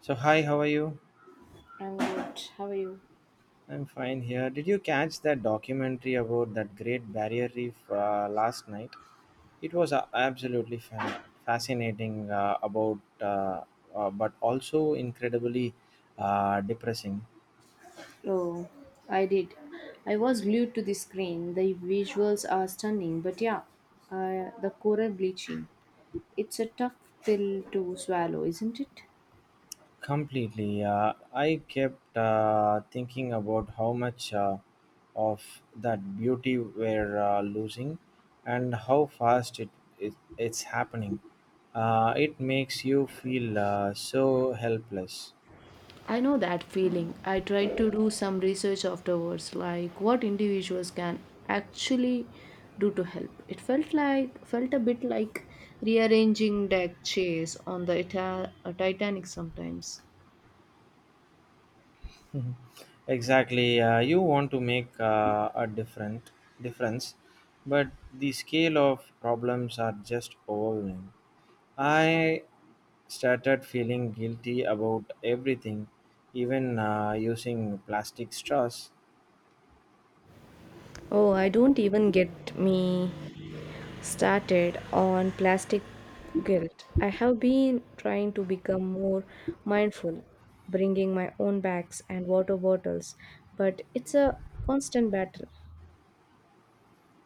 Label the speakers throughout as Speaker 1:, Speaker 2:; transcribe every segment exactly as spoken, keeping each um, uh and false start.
Speaker 1: So hi, how are you?
Speaker 2: I'm good. How are you?
Speaker 1: I'm fine here. Did you catch that documentary about that Great Barrier Reef uh, last night? It was uh, absolutely fan- fascinating uh, about, uh, uh, but also incredibly uh, depressing.
Speaker 2: Oh, I did. I was glued to the screen. The visuals are stunning, but yeah, uh, the coral bleaching. It's a tough pill to swallow, isn't it?
Speaker 1: Completely. Uh, I kept uh, thinking about how much uh, of that beauty we're uh, losing and how fast it, it it's happening. Uh, it makes you feel uh, so helpless.
Speaker 2: I know that feeling. I tried to do some research afterwards, like what individuals can actually do to help. It felt like felt a bit like rearranging deck chairs on the Ita- uh, Titanic sometimes.
Speaker 1: Mhm. Exactly. Uh, you want to make uh, a different difference, but the scale of problems are just overwhelming. I started feeling guilty about everything, even uh, using plastic straws.
Speaker 2: Oh, I don't even get me started on plastic guilt. I have been trying to become more mindful, bringing my own bags and water bottles, but it's a constant battle.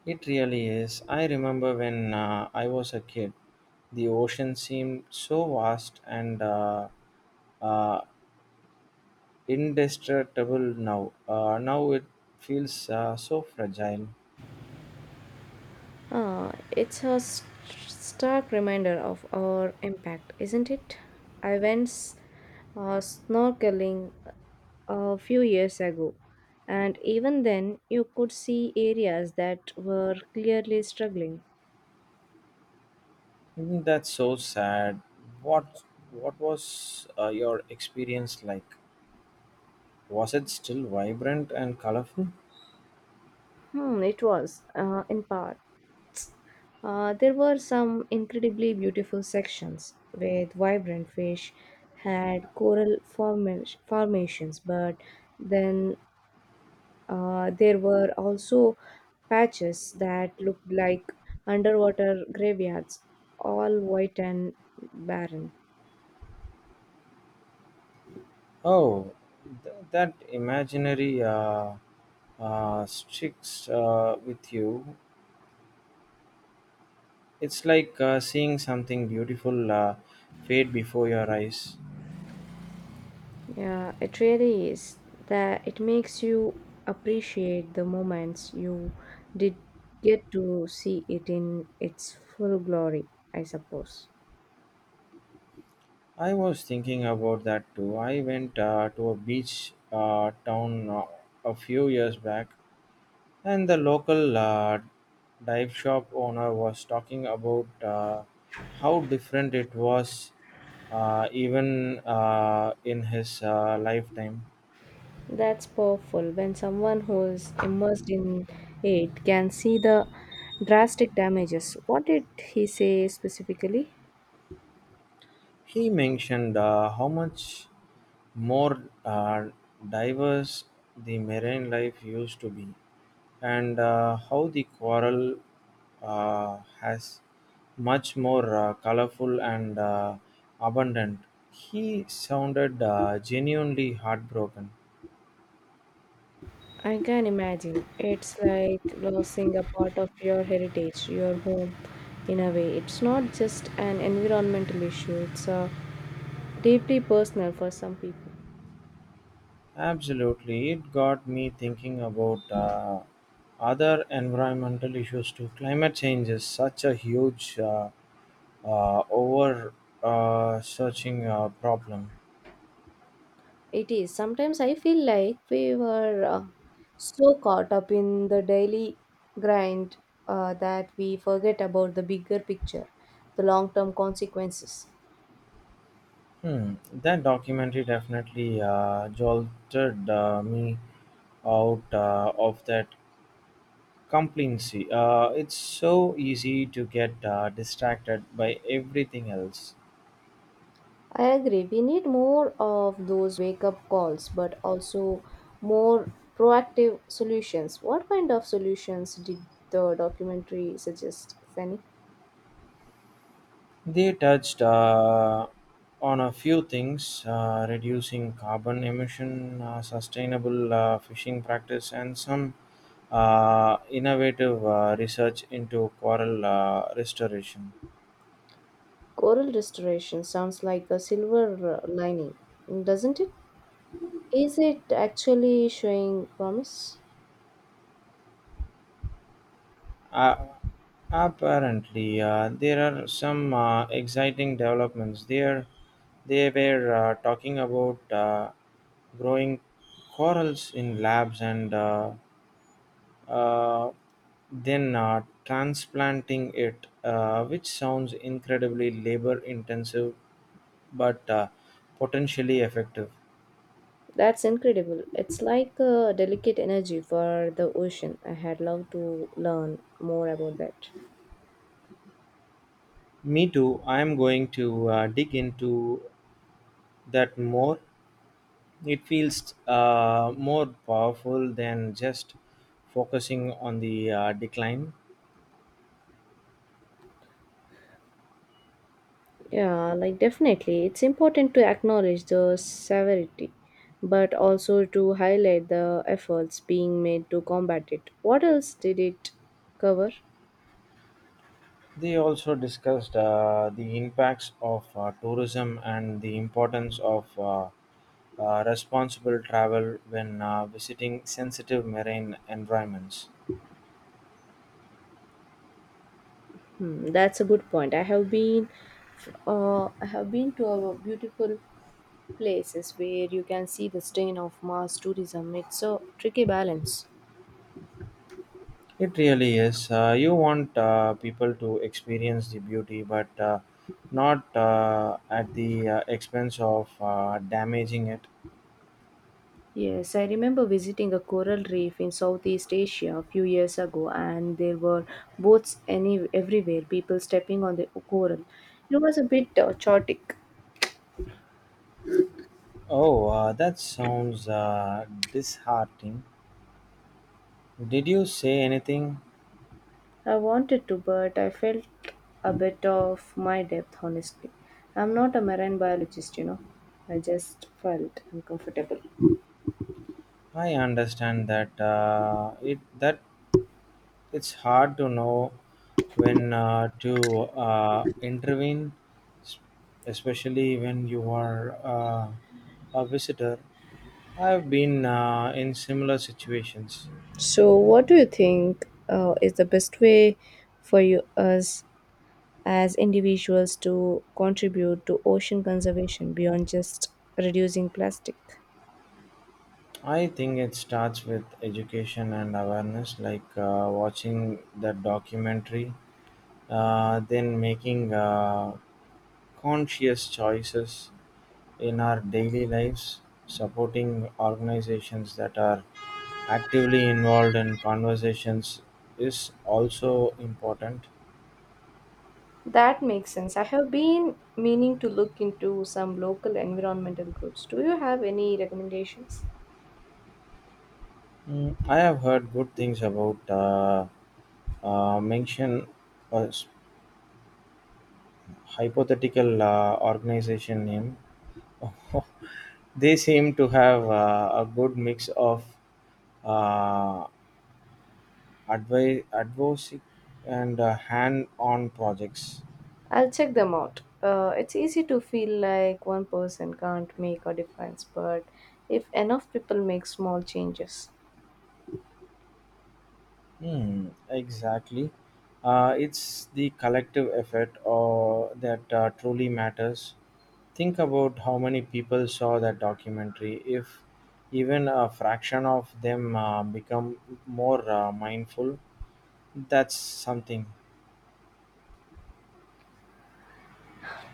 Speaker 1: It really is. I remember when uh, I was a kid, the ocean seemed so vast and uh, uh, indestructible now. Uh, now it feels uh, so fragile.
Speaker 2: Ah, it's a s- stark reminder of our impact, isn't it? I went s- uh, snorkeling a few years ago, and even then, you could see areas that were clearly struggling.
Speaker 1: Mm, that's so sad. What what was uh, your experience like? Was it still vibrant and colorful?
Speaker 2: Hmm, it was, uh, in part. Uh, there were some incredibly beautiful sections with vibrant fish, had coral forma- formations, but then uh, there were also patches that looked like underwater graveyards, all white and barren.
Speaker 1: Oh, th- that imaginary uh, uh, sticks uh, with you. It's like uh, seeing something beautiful uh, fade before your eyes.
Speaker 2: Yeah, it really is. That it makes you appreciate the moments you did get to see it in its full glory, I suppose.
Speaker 1: I was thinking about that too. I went uh, to a beach uh, town uh, a few years back, and the local uh, dive shop owner was talking about uh, how different it was, uh, even uh, in his uh, lifetime.
Speaker 2: That's powerful. When someone who is immersed in it can see the drastic damages. What did he say specifically?
Speaker 1: He mentioned uh, how much more uh, diverse the marine life used to be, and uh, how the coral uh, has much more uh, colorful and uh, abundant. He sounded uh, genuinely heartbroken.
Speaker 2: I can imagine. It's like losing a part of your heritage, your home, in a way. It's not just an environmental issue, it's uh, deeply personal for some people.
Speaker 1: Absolutely, it got me thinking about uh, other environmental issues too. Climate change is such a huge, uh, uh, over uh, searching uh, problem.
Speaker 2: It is. Sometimes I feel like we were uh, so caught up in the daily grind uh, that we forget about the bigger picture, the long term consequences.
Speaker 1: Hmm. That documentary definitely uh, jolted uh, me out uh, of that complacency. Uh, it's so easy to get uh, distracted by everything else.
Speaker 2: I agree. We need more of those wake up calls, but also more proactive solutions. What kind of solutions did the documentary suggest, if any?
Speaker 1: They touched uh, on a few things, uh, reducing carbon emission, uh, sustainable uh, fishing practice, and some uh, innovative uh, research into coral uh, restoration.
Speaker 2: Coral restoration sounds like a silver uh, lining, doesn't it? Is it actually showing promise?
Speaker 1: Uh, apparently, uh, there are some uh, exciting developments there. They were uh, talking about uh, growing corals in labs and uh, uh, then uh, transplanting it, uh, which sounds incredibly labor intensive but uh, potentially effective.
Speaker 2: That's incredible. It's like a delicate energy for the ocean. I had loved to learn more about that.
Speaker 1: Me too, I am going to uh, dig into that more. It feels uh, more powerful than just focusing on the uh, decline.
Speaker 2: Yeah, like definitely. It's important to acknowledge the severity, but also to highlight the efforts being made to combat it. What else did it cover?
Speaker 1: They also discussed uh, the impacts of uh, tourism and the importance of uh, uh, responsible travel when uh, visiting sensitive marine environments.
Speaker 2: Hmm, that's a good point. I have been, uh, I have been to a beautiful places where you can see the strain of mass tourism. It's a tricky balance.
Speaker 1: It really is. Uh, you want uh, people to experience the beauty, but uh, not uh, at the uh, expense of uh, damaging it.
Speaker 2: Yes, I remember visiting a coral reef in Southeast Asia a few years ago, and there were boats any everywhere, people stepping on the coral. It was a bit uh, chaotic.
Speaker 1: Oh, uh, that sounds uh, disheartening. Did you say anything?
Speaker 2: I wanted to, but I felt a bit of my depth, honestly. I'm not a marine biologist, you know. I just felt uncomfortable.
Speaker 1: I understand that uh, it that It's hard to know when uh, to uh, intervene, s- especially when you are uh, a visitor. I've been uh, in similar situations.
Speaker 2: So, what do you think uh, is the best way for you us as individuals to contribute to ocean conservation beyond just reducing plastic.
Speaker 1: I think it starts with education and awareness, like uh, watching that documentary, uh, then making uh, conscious choices in our daily lives, supporting organizations that are actively involved in conversations is also important.
Speaker 2: That makes sense. I have been meaning to look into some local environmental groups. Do you have any recommendations?
Speaker 1: Mm, I have heard good things about uh, uh, mention, uh, s- hypothetical uh, organization name. They seem to have uh, a good mix of uh, advi- advocacy and uh, hand-on projects.
Speaker 2: I'll check them out. Uh, it's easy to feel like one person can't make a difference, but if enough people make small changes.
Speaker 1: Hmm, exactly. Uh, it's the collective effort or that uh, truly matters. Think about how many people saw that documentary. If even a fraction of them uh, become more uh, mindful, that's something.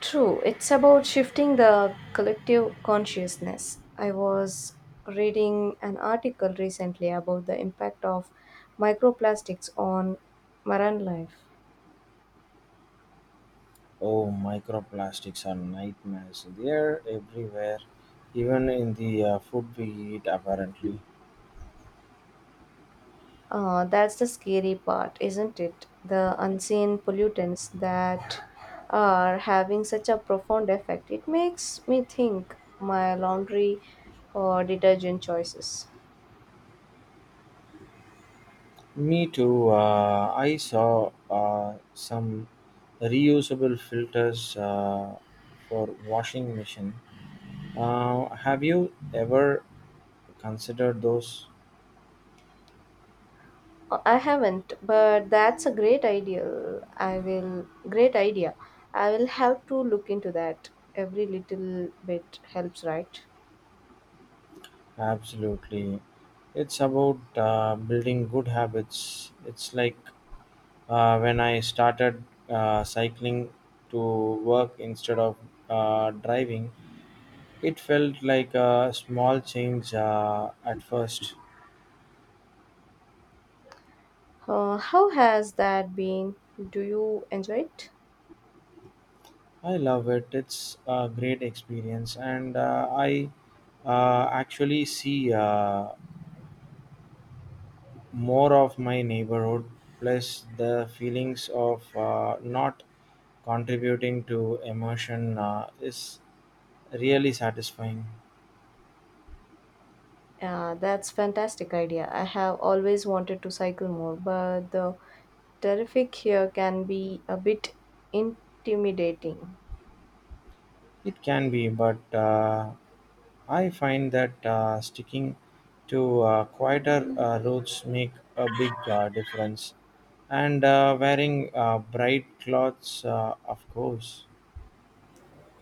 Speaker 2: True, it's about shifting the collective consciousness. I was reading an article recently about the impact of microplastics on marine life.
Speaker 1: Oh, microplastics are nightmares. They're everywhere, even in the uh, food we eat, apparently.
Speaker 2: Uh, that's the scary part, isn't it? The unseen pollutants that are having such a profound effect. It makes me think my laundry or detergent choices.
Speaker 1: Me too. Uh, I saw uh, some reusable filters uh, for washing machine. Uh, have you ever considered those?
Speaker 2: I haven't, but that's a great idea. I will, great idea. I will have to look into that. Every little bit helps, right?
Speaker 1: Absolutely. It's about uh, building good habits. It's like Uh, when I started uh, cycling to work instead of uh, driving, it felt like a small change uh, at first.
Speaker 2: Uh, how has that been? Do you enjoy it?
Speaker 1: I love it, it's a great experience, and uh, I uh, actually see uh, more of my neighborhood, plus the feelings of uh, not contributing to emotion uh, is really satisfying.
Speaker 2: Yeah, that's fantastic idea. I have always wanted to cycle more, but the traffic here can be a bit intimidating.
Speaker 1: It can be, but uh, I find that uh, sticking to uh, quieter uh, routes make a big uh, difference, and uh, wearing uh, bright clothes, uh, of course.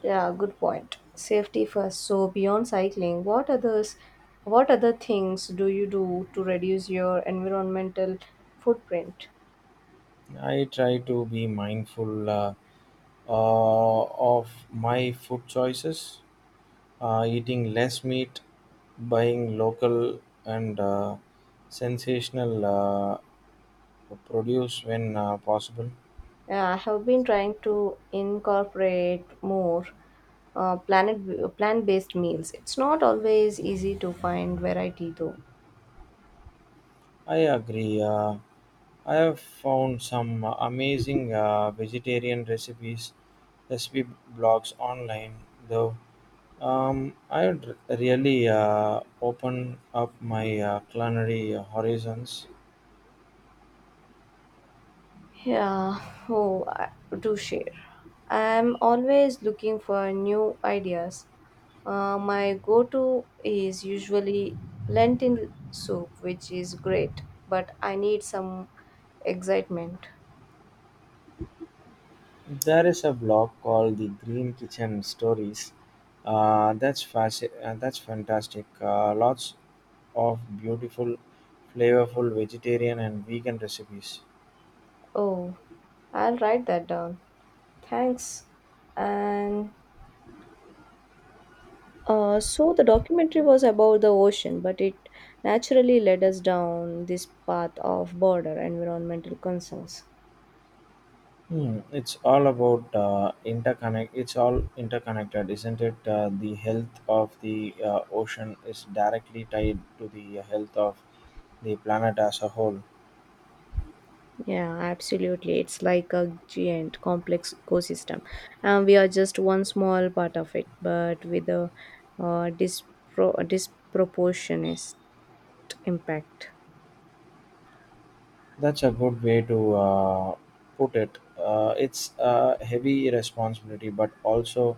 Speaker 2: Yeah, good point. Safety first. So beyond cycling, what others what other things do you do to reduce your environmental footprint?
Speaker 1: I try to be mindful uh, uh, of my food choices, uh, eating less meat, buying local and uh, sensational uh, produce when uh, possible.
Speaker 2: Yeah, I have been trying to incorporate more uh, planet uh, plant-based meals. It's not always easy to find variety though.
Speaker 1: I agree. Uh, I have found some uh, amazing uh, vegetarian recipes, recipe blogs online, though. Um, I would really uh, open up my uh, culinary horizons.
Speaker 2: Yeah, oh, I do share. I'm always looking for new ideas. Uh, my go to is usually lentil soup, which is great, but I need some excitement.
Speaker 1: There is a blog called the Green Kitchen Stories. Uh, that's fasci- uh, That's fantastic. Uh, lots of beautiful, flavorful vegetarian and vegan recipes.
Speaker 2: Oh, I'll write that down. Thanks. And uh, so the documentary was about the ocean, but it naturally led us down this path of border environmental concerns.
Speaker 1: Hmm, it's all about uh, interconnect. It's all interconnected, isn't it? Uh, the health of the uh, ocean is directly tied to the health of the planet as a whole.
Speaker 2: Yeah, absolutely. It's like a giant complex ecosystem. And we are just one small part of it, but with a uh, dispro- disproportionate impact.
Speaker 1: That's a good way to uh, put it. Uh, it's a heavy responsibility, but also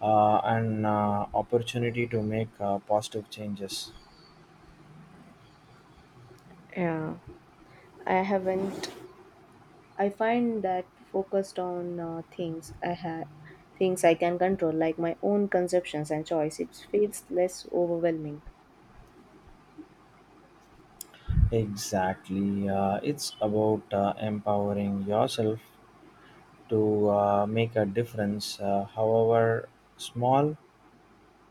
Speaker 1: uh, an uh, opportunity to make uh, positive changes.
Speaker 2: Yeah, I haven't. I find that focused on uh, things I have, things I can control, like my own conceptions and choice, it feels less overwhelming.
Speaker 1: Exactly. Uh, it's about uh, empowering yourself to uh, make a difference, uh, however small.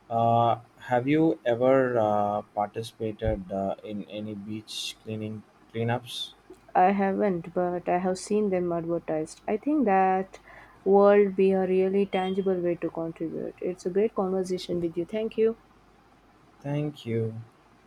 Speaker 1: Uh, have you ever uh, participated uh, in any beach cleaning cleanups?
Speaker 2: I haven't, but I have seen them advertised. I think that world be a really tangible way to contribute. It's a great conversation with you. Thank you.
Speaker 1: Thank you.